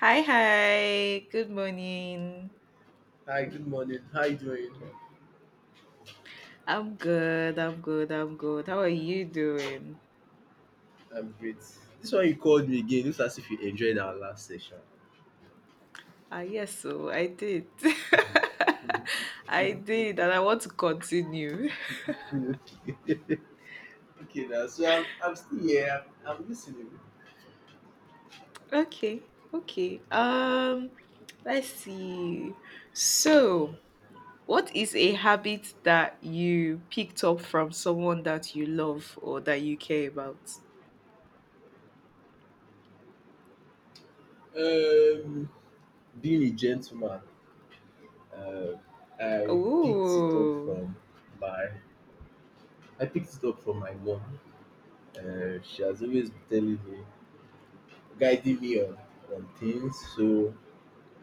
Hi, hi. Good morning. Hi, good morning. How you doing? I'm good. I'm good. I'm good. How are you doing? I'm great. This one you called me again. Looks as if you enjoyed our last session. Ah, yes, so I did. I did, and I want to continue. Okay, now, so I'm still here. I'm listening. Okay. Okay. Let's see. So, what is a habit that you picked up from someone that you love or that you care about? Um, Being a gentleman, uh, I picked it up Ooh. from my I picked it up from my mom. She has always been telling me, guiding me on things. So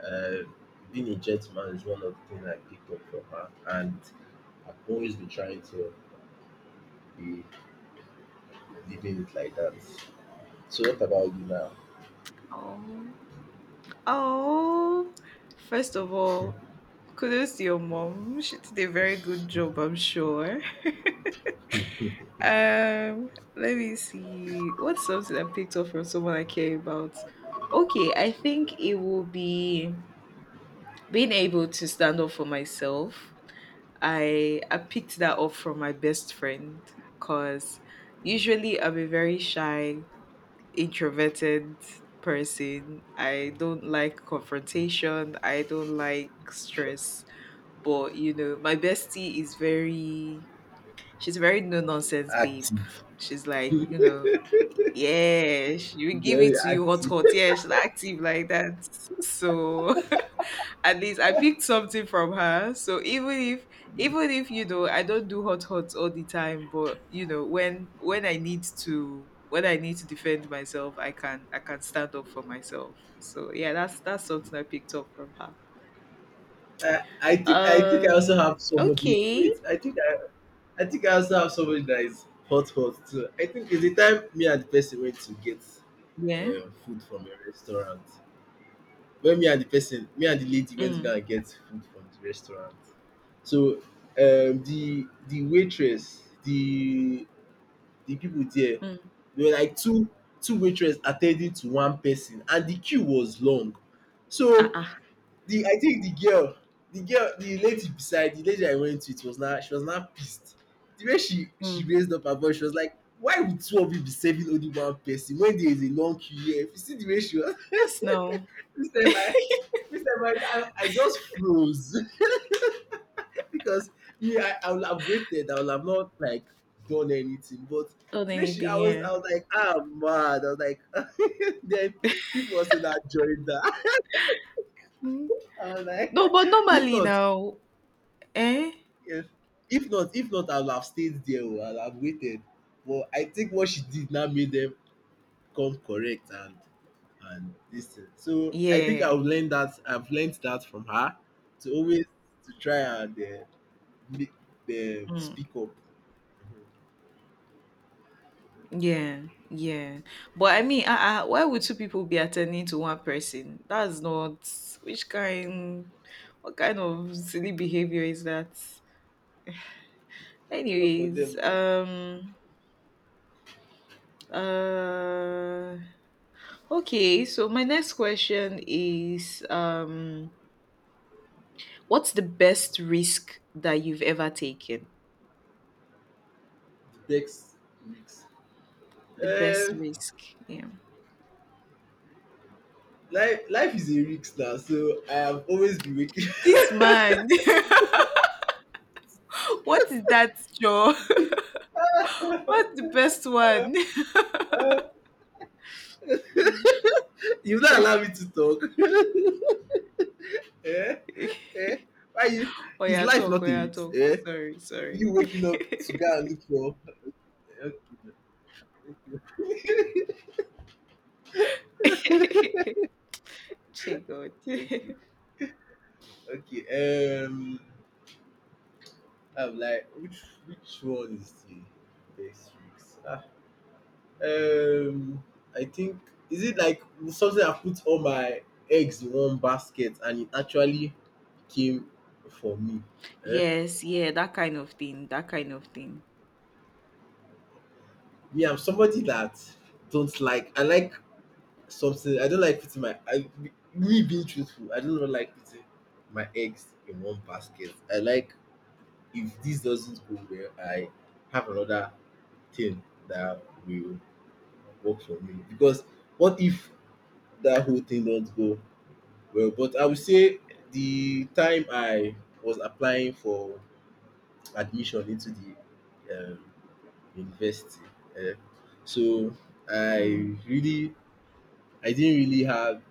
uh, being a gentleman is one of the things I picked up from her, and I've always been trying to be living it like that. So what about you now? Oh. Oh. First of all, kudos to your mom. She did a very good job, I'm sure. Um, let me see. What's something I picked up from someone I care about? Okay, I think it will be being able to stand up for myself. I picked that up from my best friend because usually I'm a very shy introverted person. I don't like confrontation. I don't like stress. But you know, my bestie is very she's very no nonsense babe. Active, She's like, you know, yeah, she will give it very to you hot active. hot. Yeah, she's active like that. So at least I picked something from her. So even if you know I don't do hot hot all the time, but you know when I need to defend myself, I can stand up for myself. So yeah, that's something I picked up from her. I think I also have somebody. Okay. Wait, I think I also have somebody that is hot hot too. I think it's the time me and the person went to get Yeah. Food from a restaurant. When me and the person, me and the lady went to Mm. go and get food from the restaurant. So the waitress, the people there. Mm. There were like two waitresses attending to one person and the queue was long. Ah, So ah. the I think the girl the girl the lady beside the lady I went with was now she was now pissed. The way she Mm. raised up her voice, she was like, why would two of you be serving only one person when there is a long queue here? If you see the way she was. Yes. No. Mr. Mike, Mr. Mike, I just froze. Because yeah, I would have waited. I would have not like done anything. But Not the way anything. I was, Yeah. I was like, ah, mad. I was like, then people also not joined that. Mm. I was like, No, but if normally not, now. Eh. if, if not, I would have stayed there. Oh, I would have waited. But I think what she did now made them come correct and this thing. So I think Yeah. I've learned that. I've learned that from her to always to try and make them Mm. speak up. Yeah, yeah. But I mean, why would two people be attending to one person? That's not which kind, what kind of silly behavior is that? I don't know for Anyways, them. Oh. Uh, okay. So my next question is, what's the best risk that you've ever taken? Takes risks. The best Um, risk, yeah. life is a risk now, so I have always been waking. This man, what is that, Joe? What's the uh, best one? you not allow me to talk. Eh? Mm. Eh? Why you? Oh Is yeah, life talk, oh not a yeah, risk? talk. Eh? Sorry, sorry. You waking up to go and look for? Che God. Okay, okay, okay. I'm like, which one is the best risk? Um, I think, is it like something I put all my eggs in one basket and it actually came for me. Eh? Yes, yeah, that kind of thing. That kind of thing. Me, I'm somebody that don't like. I like something. I don't like me being truthful, I don't like putting my eggs in one basket. I like, if this doesn't go well, I have another thing that will work for me. Because what if that whole thing don't go well. But I would say the time I was applying for admission into the um, university, eh, so I Mm, really, I didn't really have.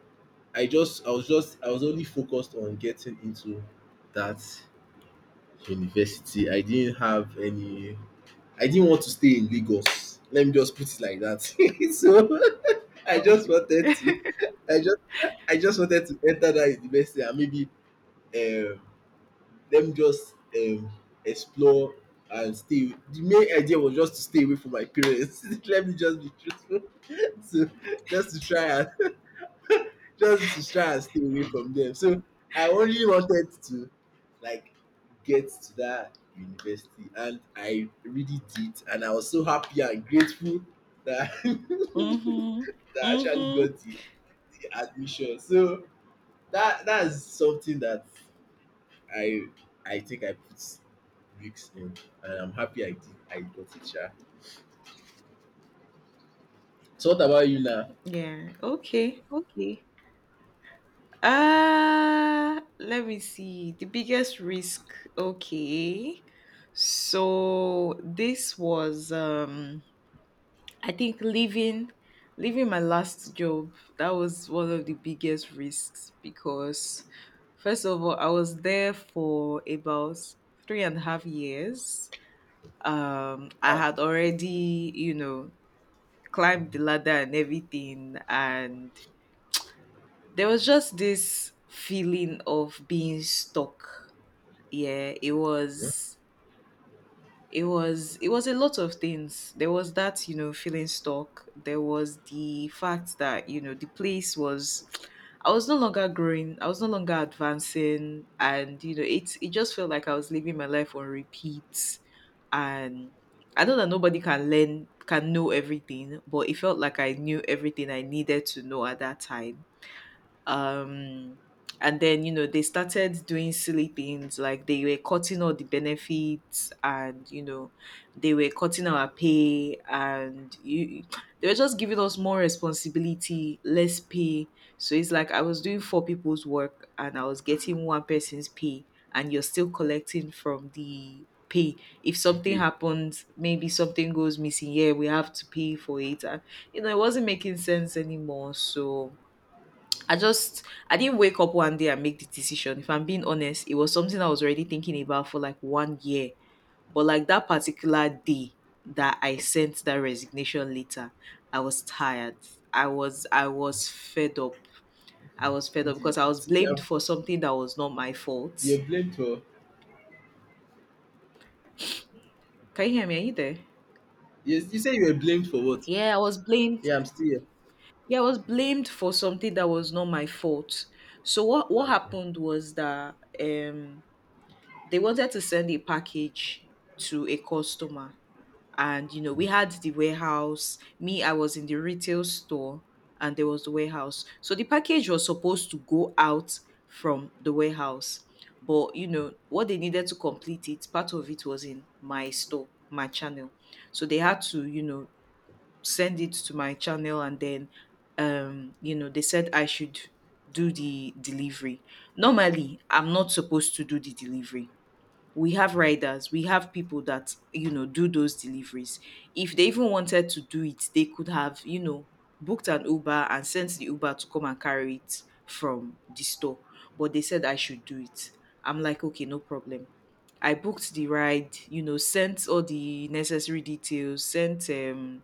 I just, I was only focused on getting into that university. I didn't have any. I didn't want to stay in Lagos. Let me just put it like that. So I just okay. wanted to. I just, I just wanted to enter that university and maybe um them just explore and stay. The main idea was just to stay away from my parents. Let me just be truthful. So just to try and just to try and stay away from them. So I only wanted to like get to that university, and I really did, and I was so happy and grateful that that Mm-hmm. I actually Mm-hmm. got the admission. So that's something that I I think I put weeks in, and I'm happy I did. I got it, sha. So what about you now? Yeah. Okay. Okay. Uh, let me see. The biggest risk. Okay. So this was I think leaving my last job. That was one of the biggest risks because first of all, I was there for about three and a half years. I Ah, had already, you know, climbed the ladder and everything, and there was just this feeling of being stuck. Yeah, it yeah. was it was it was a lot of things. There was that, you know, feeling stuck. There was the fact that, you know, the place was, I was no longer growing, I was no longer advancing, and you know, it just felt like I was living my life on repeat. And I know that nobody can learn can know everything, but it felt like I knew everything I needed to know at that time. um and then, you know, they started doing silly things like they were cutting all the benefits, and you know, they were cutting our pay. And you they were just giving us more responsibility, less pay. So it's like I was doing four people's work and I was getting one person's pay. And you're still collecting from the pay. If The something pay. happens, maybe something goes missing, yeah, we have to pay for it. And you know, it wasn't making sense anymore. So I didn't wake up one day and make the decision. If I'm being honest, it was something I was already thinking about for like 1 year. But like that particular day that I sent that resignation letter, I was tired. I was fed up. I was fed Who up did because I was you blamed are for something that was not my fault. are you're blamed for. Can you hear me? Are you there? Yes, you say you were blamed for what? Yeah, I was blamed. Yeah, I'm still here. Yeah, I was blamed for something that was not my fault. So what Okay. happened was that um they wanted to send a package to a customer, and you know, we had the warehouse. Me, I was in the retail store, and there was the warehouse. So the package was supposed to go out from the warehouse, but you know, what they needed to complete it, part of it was in my store, my channel. So they had to, you know, send it to my channel, and then, you know, they said I should do the delivery. Normally, I'm not supposed to do the delivery. We have riders, we have people that, you know, do those deliveries. If they even wanted to do it, they could have, you know, booked an Uber and sent the Uber to come and carry it from the store. But they said I should do it. I'm like, okay, no problem. I booked the ride, you know, sent all the necessary details, sent,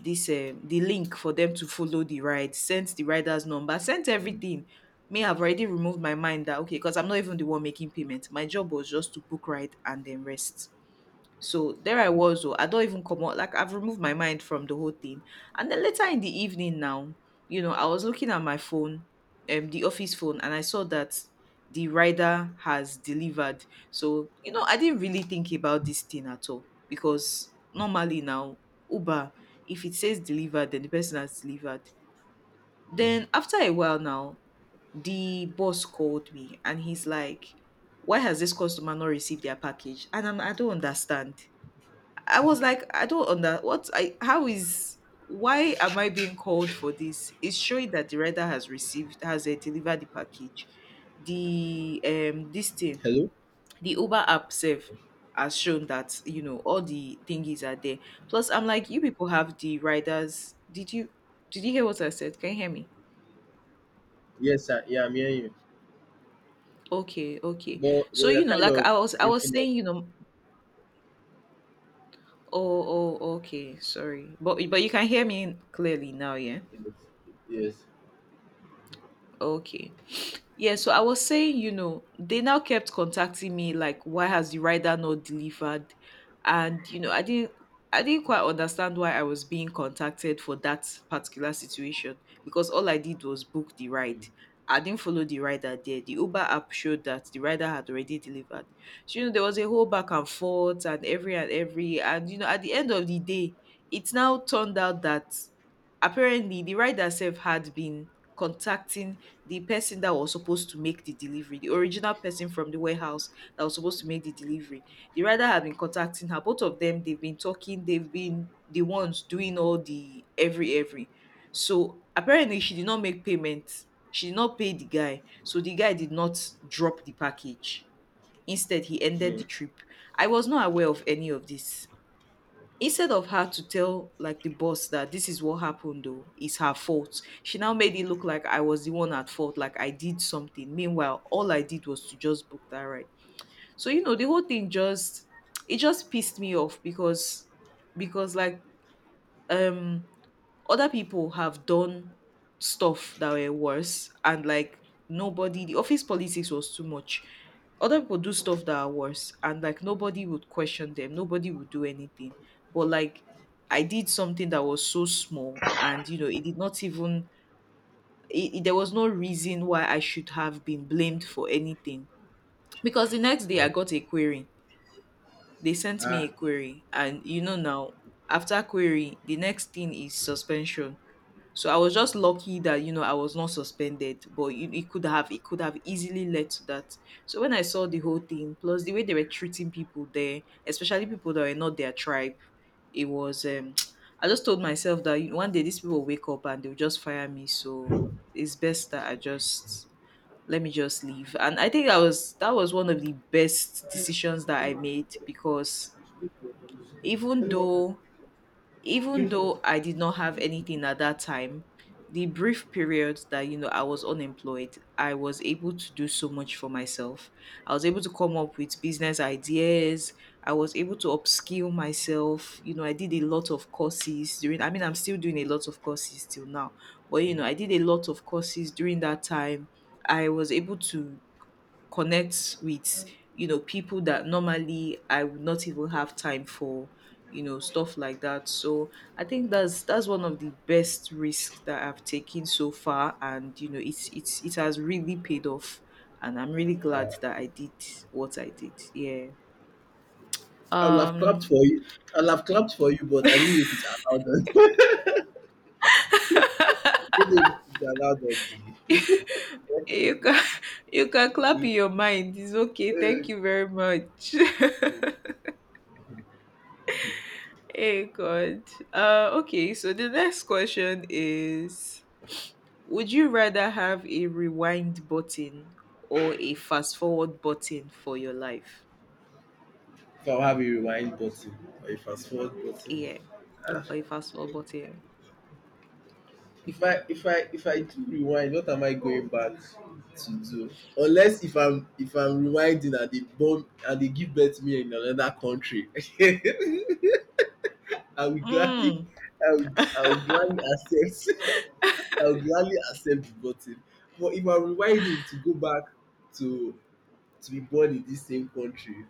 this, the link for them to follow the ride, sent the rider's number, sent Mm. everything. Me, I've already removed my mind that okay, because I'm not even the one making payment. My job was just to book ride and then rest. So there I was, oh, I don't even come out. Like I've removed my mind from the whole thing. And then later in the evening now, you know, I was looking at my phone, the office phone, and I saw that the rider has delivered. So, you know, I didn't really think about this thing at all. Because normally now, Uber, if it says delivered, then the person has delivered. Then after a while now, the boss called me and he's like, why has this customer not received their package? And I'm, I don't understand. I was like, I don't under what I how is, why am I being called for this? It's showing that the rider has received has delivered the package. The this thing, Hello? the Uber app safe Okay. has shown that, you know, all the thingies are there. Plus, I'm like, you people have the riders. Did you hear what I said? Can you hear me? Yes, sir. Yeah, I'm hearing you. Okay, okay. But So you're you know, kind like of I was breaking up. saying, you know, oh, oh, okay, sorry. But you can hear me clearly now, yeah. Yes. Yes. Okay. Yeah, so I was saying, you know, they now kept contacting me like, why has the rider not delivered? And you know, I didn't quite understand why I was being contacted for that particular situation because all I did was book the ride. Mm. I didn't follow the rider there. The Uber app showed that the rider had already delivered. So, you know, there was a whole back and forth and every. And, you know, at the end of the day, it now turned out that apparently the rider self had been contacting the person that was supposed to make the delivery, the original person from the warehouse that was supposed to make the delivery, the rider had been contacting her. Both of them, they've been talking, they've been the ones doing all the every every. So apparently she did not make payment. She did not pay the guy. So the guy did not drop the package. Instead, he ended Mm. the trip. I was not aware of any of this. Instead of her to tell like the boss that this is what happened though, it's her fault. She now made it look like I was the one at fault, like I did something. Meanwhile, all I did was to just book that ride. So you know, the whole thing just it just pissed me off because because like um other people have done stuff that were worse, and like nobody, the office politics was too much. Other people do stuff that are worse, and like nobody would question them, nobody would do anything. But like, I did something that was so small, and you know, it did not even, there was no reason why I should have been blamed for anything. Because the next day I Like, got a query. They sent me a ah, query, and you know, now after query, the next thing is suspension. So I was just lucky that, you know, I was not suspended, but it could have, it could have easily led to that. So when I saw the whole thing, plus the way they were treating people there, especially people that were not their tribe, it was. I just told myself that, you know, one day these people will wake up and they'll just fire me. So it's best that I just let me just leave. And I think I was that was one of the best decisions that I made because even though even though I did not have anything at that time, the brief period that you know I was unemployed, I was able to do so much for myself. I was able to come up with business ideas. I was able to upskill myself. You know, I did a lot of courses during I'm still doing a lot of courses till now. But you know, I did a lot of courses during that time. I was able to connect with people that normally I would not even have time for, you know, stuff like that. So I think that's one of the best risks that I've taken so far, and you know it's it has really paid off, and I'm really glad yeah. that I did what I did. Yeah. I will have um clapped for you. I'll have clapped for you, but I don't know if it's allowed. Good evening, Jala Dodgy. you can you can clap in your mind. It's okay, thank uh, you very much. Hey god. Okay, so the next question is, would you rather have a rewind button or a fast forward button for your life? if I have a rewind button or a fast forward button. Yeah, or a fast forward button. If I do rewind, what am I going back to do? Unless if I'm rewinding and they bomb and they give birth to me in another country. I will gladly Mm. I will gladly accept I will gladly accept the button. But if I'm rewinding to go back to to be born in this same country,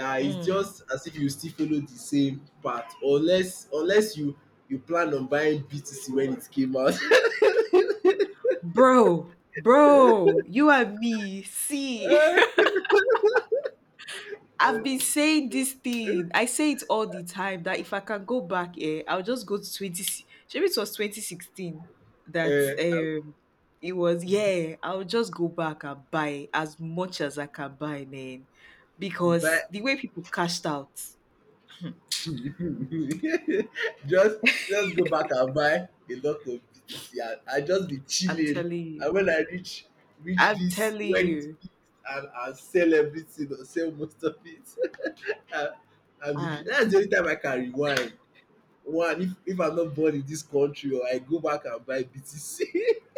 it's Mm. just as if you still follow the same path unless you you plan on buying BTC when it came out. Bro, you and me, see. I've been saying this thing. I say it all the time that if I can go back, eh, I'll just go to 20. Maybe it was 2016 that uh, it was, yeah, I'll just go back and buy as much as I can buy, man. buy Because the way people cashed out, just just go back and buy a lot of BTC and I just be I'm chilling. telling And you. when I reach reach I'm this telling when it you. peaks and I sell everything or sell most of it. and Ah. That's the only time I can rewind. One, if I'm not born in this country, or I go back and buy BTC.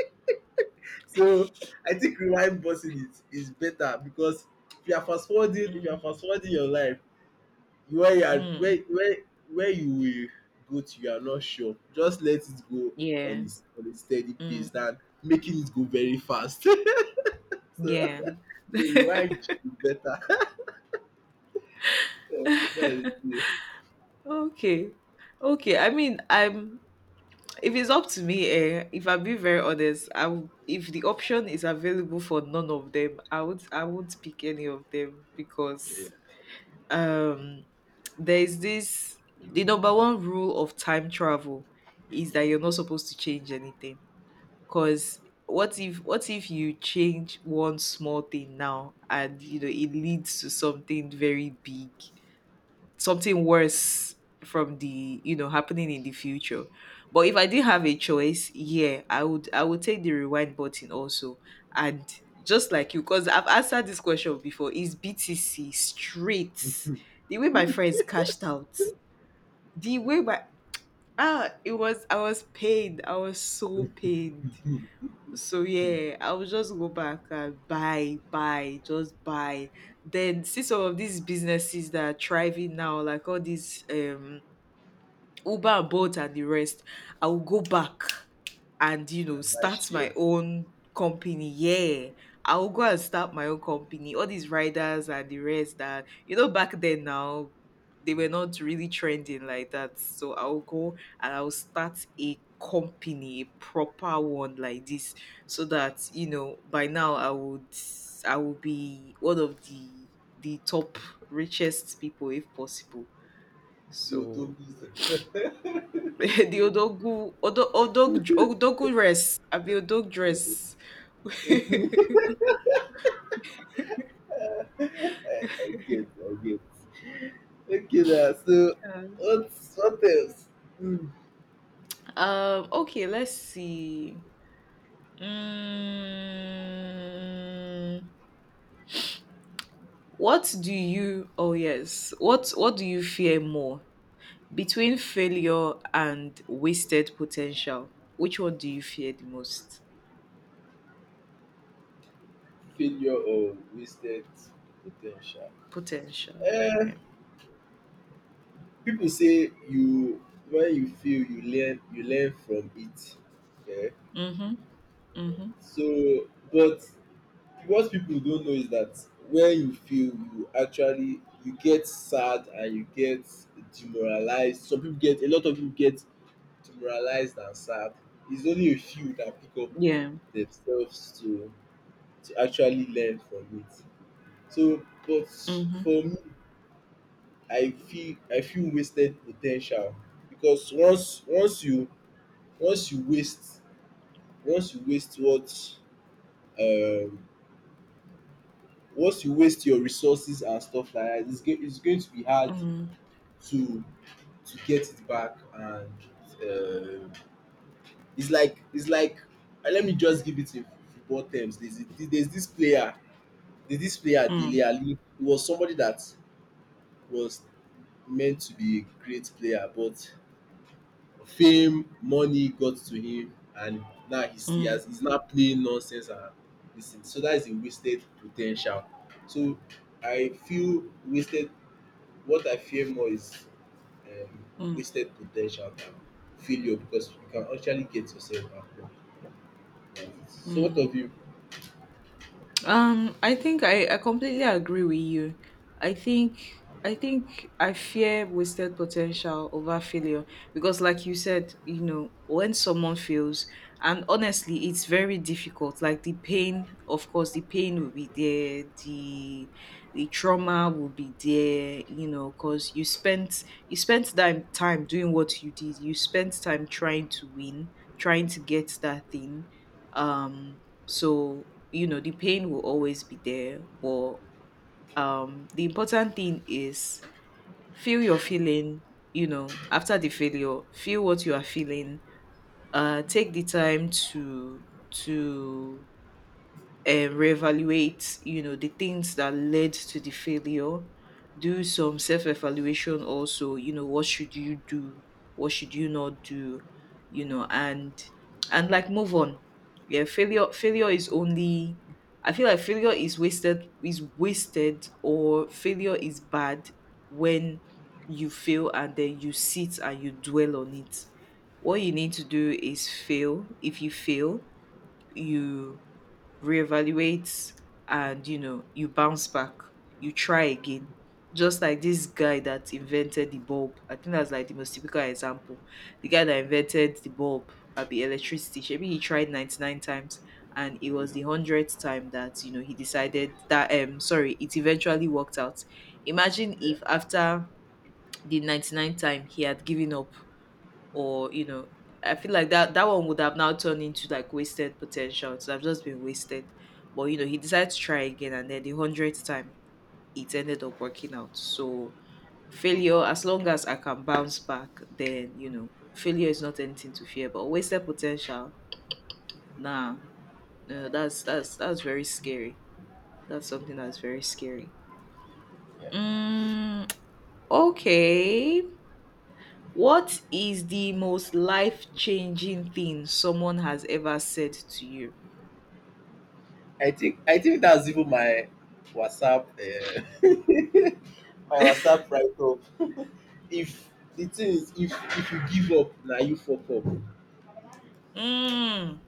So I think rewind boxing is better because if you are fast forwarding if you are Mm. fast forwarding your life, where you are where Mm. where where you will go to you are not sure, just let it go Yeah. on its on a steady pace Mm. than making it go very fast. So Yeah. so rewind is better. That's it. Okay. Okay. I mean, I'm If it's up to me, eh, if I'm being very honest, I would, if the option is available for none of them, I would, I won't pick any of them, because um there is this, the number one rule of time travel is that you're not supposed to change anything. Cause what if you change one small thing now and you know it leads to something very big, something worse from the you know happening in the future. But if I did have a choice, yeah, I would, I would take the rewind button also. And just like you, because I've answered this question before, is BTC straight. The way my friends cashed out, the way my, ah, it was, I was pained, I was so pained. So yeah, I will just go back and buy, buy, just buy. Then see some of these businesses that are thriving now, like all these Uber and Bolt and the rest, I will go back and you Na know buy start my shares own company. Yeah, I will go and start my own company. All these riders and the rest that you know back then now, they were not really trending like that. So I'll go and I'll start a company, a proper one like this, so that you know by now I would, I would be one of the top richest people if possible. till So Togu sef. the odogu odo odog odogu dress. Abi odog dress. I get I get. Okay na so what else? um Okay. Let's see. Mm, what do you? Oh yes. What do you fear more between failure and wasted potential? Which one do you fear the most? Failure or wasted po ten tial. Potential. Uh, Yeah. People say you when you feel you learn from it, yeah. Mhm. Mhm. So but what people don't know is that when you feel, you actually, you get sad and you get demoralized. Some people get, a lot of people get demoralized and sad. It's only a few that pick up Yeah. themselves to actually learn from it. So but Mhm. for me, I feel wasted potential because once you waste once you waste what, um once you waste your resources and stuff like that, it's going to be hard Mhm. to to get it back. And um it's like, let me just give it in football terms. There's this player, there's this player, Dele Mm. Alli. He was somebody that was meant to be a great player, but fame, money got to him, and now Hmm. He's now playing nonsense and this thing. So that is a wasted potential. So I feel wasted what I fear more is um Mm. wasted potential. Ten tial than failure, because you can actually get yourself back up. So what Hmm. of you? I think I completely agree with you. I think I fear wasted potential over failure because, like you said, you know, when someone fails, and honestly, it's very difficult. Like the pain, of course, the pain will be there, the trauma will be there, you know, because you spent that time doing what you did. You spent time trying to win, trying to get that thing. Um, so you know the pain will always be there, but the important thing is feel your feeling, you know, after the failure feel what you are feeling. Take the time to reevaluate you know the things that led to the failure. Do some self-evaluation also, you know, what should you do, what should you not do, you know, and like move on. Yeah, failure is only, I feel like failure is wasted, is wasted, or failure is bad when you fail and then you sit and you dwell on it. What you need to do is fail. If you fail, you reevaluate, and you know you bounce back, you try again. Just like this guy that invented the bulb, I think that's like the most typical example. The guy that invented the bulb at the electricity, maybe he tried 99 times, and it was the hundredth time that you know he decided that sorry, it eventually worked out. Imagine if after the 99th time he had given up, or you know, I feel like that one would have now turned into like wasted potential, so I've just been wasted. But you know he decided to try again, and then the hundredth time it ended up working out. So failure, as long as I can bounce back, then you know failure is not anything to fear. But wasted potential, nah, no, that's very scary. That's something that's very scary. Yeah. Mm. Okay. What is the most life changing thing someone has ever said to you? I think that's even my WhatsApp my WhatsApp write up. If The thing is, if you give up now, you fuck up. Mm.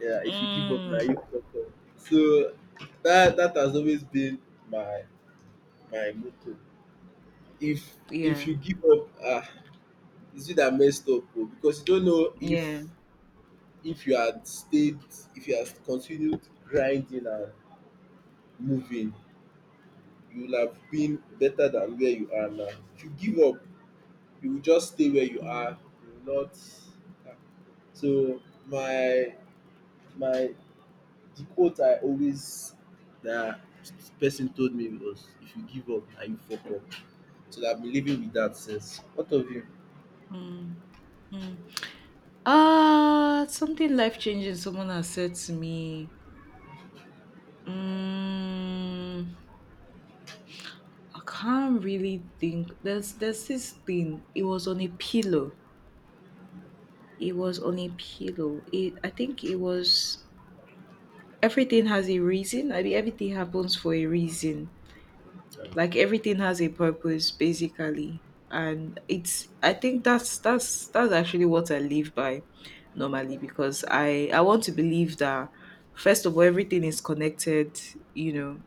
Yeah, if you give up now, you Mm. fuck up. So that has always been my my motto. If if Yeah. you give up, ah, it's you that messed up, oh, because you don't know Yeah. if if you had stayed, if you had continued grinding and moving, you would have been better than where you are now. If you give up, you will just stay where you are. Mm. You will not. Ah. So my my The quote I always that person told me was, if you give up and you fuck up. So that I've been living with that since. What of you? Mm. Mm. Ah, something life changing someone has said to me. Mm, I can't really think. There's this thing. It was on a pillow. It was on a pillow. It, I think it was, everything has a reason. I mean, everything happens for a reason, like everything has a purpose basically. And it's, I think that's actually what I live by normally, because I want to believe that, first of all, everything is connected. You know,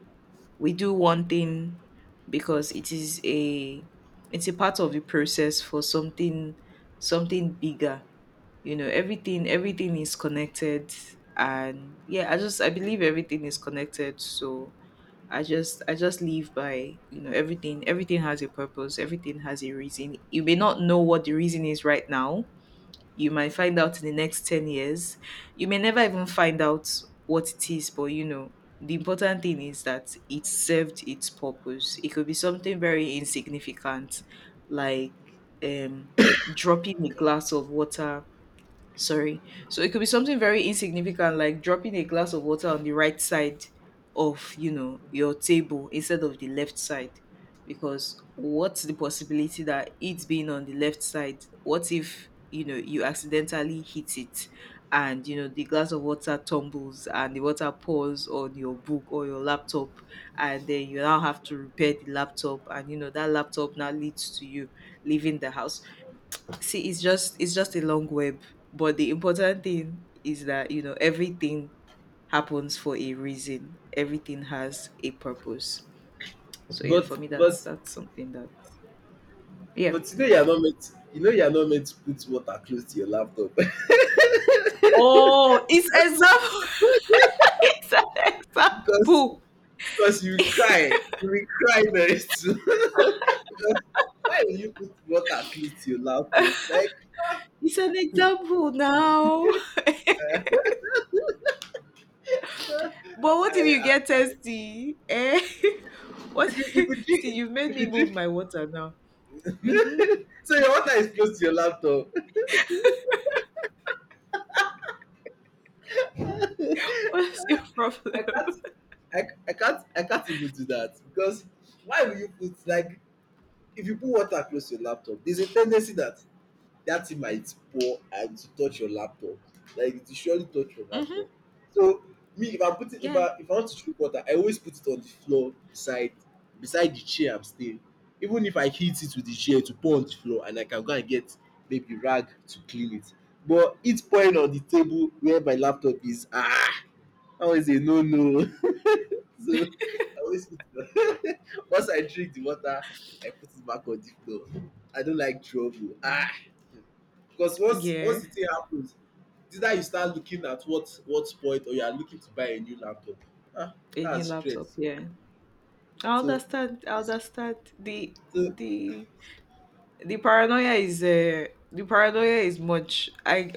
we do one thing because it is a, it's a part of the process for something, something bigger. You know, everything, everything is connected. And yeah, I just, I believe everything is connected. So I just live by, you know, everything, everything has a purpose, everything has a reason. You may not know what the reason is right now, you might find out in the next 10 years, you may never even find out what it is, but you know the important thing is that it served its purpose. It could be something very insignificant, like um dropping a glass of water, sorry, so it could be something very insignificant like dropping a glass of water on the right side of, you know, your table instead of the left side. Because what's the possibility that it's being on the left side, what if you know you accidentally hit it, and you know the glass of water tumbles and the water pours on your book or your laptop, and then you now have to repair the laptop, and you know that laptop now leads to you leaving the house. See, it's just a long web, but the important thing is that you know everything happens for a reason. Everything has a purpose. So yeah, But for me, that's something that, yeah. but you know you know you're not meant to put water close to your laptop. Oh, it's example. It's an because example. because you will cry. You will cry very soon. Because why will you put water close to your laptop? Like It's an example now. But what if you I get thirsty? Eh? What? if you See, you've made if me you move drink my water now. Mm-hmm. so your water is close to your laptop. What's your problem? I can't I can't even do that, because why will you put Mm. like, if you put water close to your laptop, there's a tendency that that thing Yeah. might pour and to touch your laptop. Like it will surely touch your Mm-hmm. laptop. So me, Yeah. If I want to drink water, I always put it on the floor beside the chair I'm staying. Even if I hit it with the chair to pour on the floor, and I can go and get maybe rag to clean it. But it's pouring on the table where my laptop is, ah, always a no no. So I always put the once I drink the water, I put it back on the floor. I don't like trouble. Ah, Mm. because once Yeah. once the thing happens, it's either you start looking at what point, or you are looking to buy a new laptop. Ah, A new that's laptop, stress. yeah. I So understand. I understand. So the the paranoia is uh, the paranoia is much. I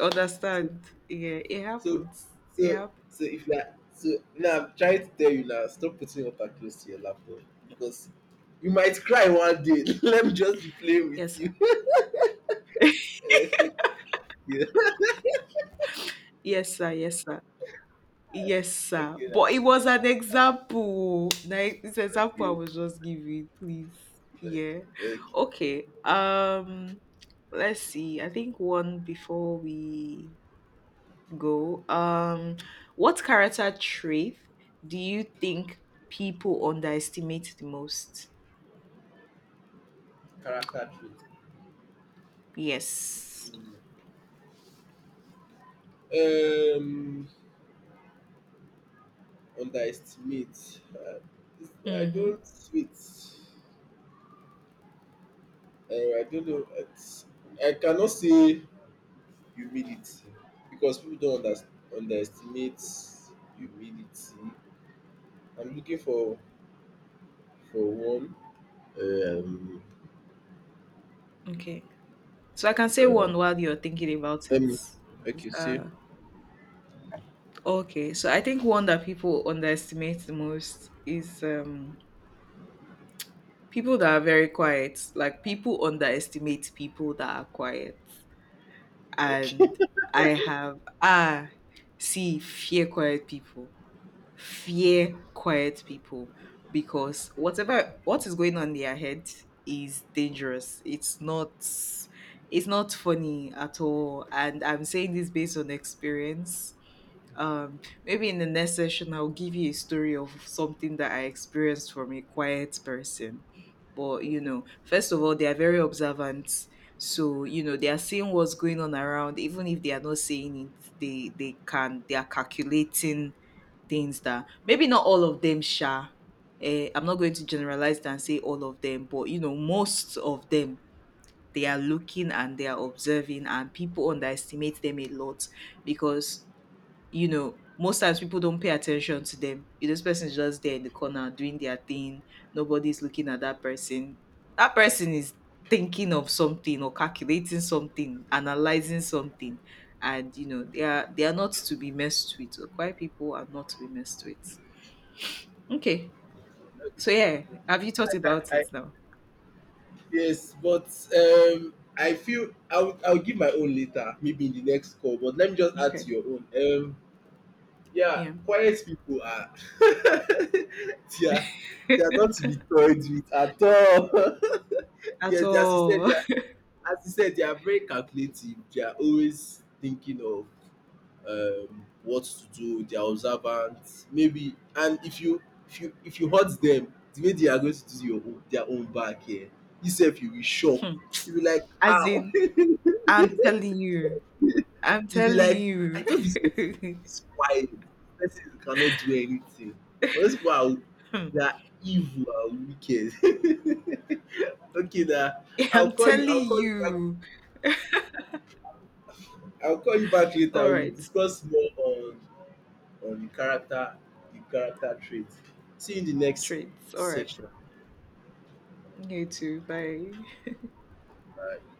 so so understand. Yeah, it so happens. It so hap- if you are so, now I'm trying to tell you now, stop putting water close to your laptop because you might cry one day. Let me just be playing Yes, with sir. you. Okay, Yes, sir. Yes, sir. Yes, sir. okay, But lah. it was an example. Like this example I okay, was just giving. Please. okay, Yeah. okay. Okay. Let's see. I think one before we go, what character trait do you think people underestimate the most? Character trait. Yes. Um, underestimate. I Mm-hmm. don't, wait. I don't know. It's, I cannot say humility because people don't underestimate humility. I'm looking for one. Um, Okay. So I can say uh, one while you're thinking about it. let me. Is, Okay, see. Okay. So I think one that people underestimate the most is people that are very quiet. Like people underestimate people that are quiet. Okay. And I have, ah, see, fear quiet people. Fear quiet people, because whatever, what is going on in their head is dangerous. It's not funny at all. And I'm saying this based on experience. Maybe in the next session I'll give you a story of something that I experienced from a quiet person. But you know, first of all, they are very observant. So, you know, they are seeing what's going on around, even if they are not saying it, they can they are calculating things that maybe not all of them sha, eh, I'm not going to generalize and say all of them, but you know most of them, they are looking and they are observing, and people underestimate them a lot because you know most times people don't pay attention to them. You know, this person is just there in the corner doing their thing, nobody's looking at that person. That person is thinking of something, or calculating something, analyzing something, and you know they are not to be messed with. So quiet people are not to be messed with. Okay. So yeah, have you thought about I it now? yes, but I feel I'll give my own later, maybe in the next call. But let me just add Okay. to your own. Yeah, Yeah. quiet people are they are they are not to be toyed with at all. At Yes, as you said, all. they are very calculative. They are always thinking of what to do. They are observant. Maybe, and if you if you hurt them, the way they are going to do your own, their own back here, yourself, you will shock. Hmm. You will like, As how? in, You I'm telling you. I'm be telling like, I you. thought this person is quiet. This person cannot do anything. But those people are Hmm. they are evil and wicked. Okay na, I'm telling I'll call you back. you. I'll call you back later. All We'll right. discuss more on the character trait. See you in the next Traits. All right. section. You too. Bye. Bye.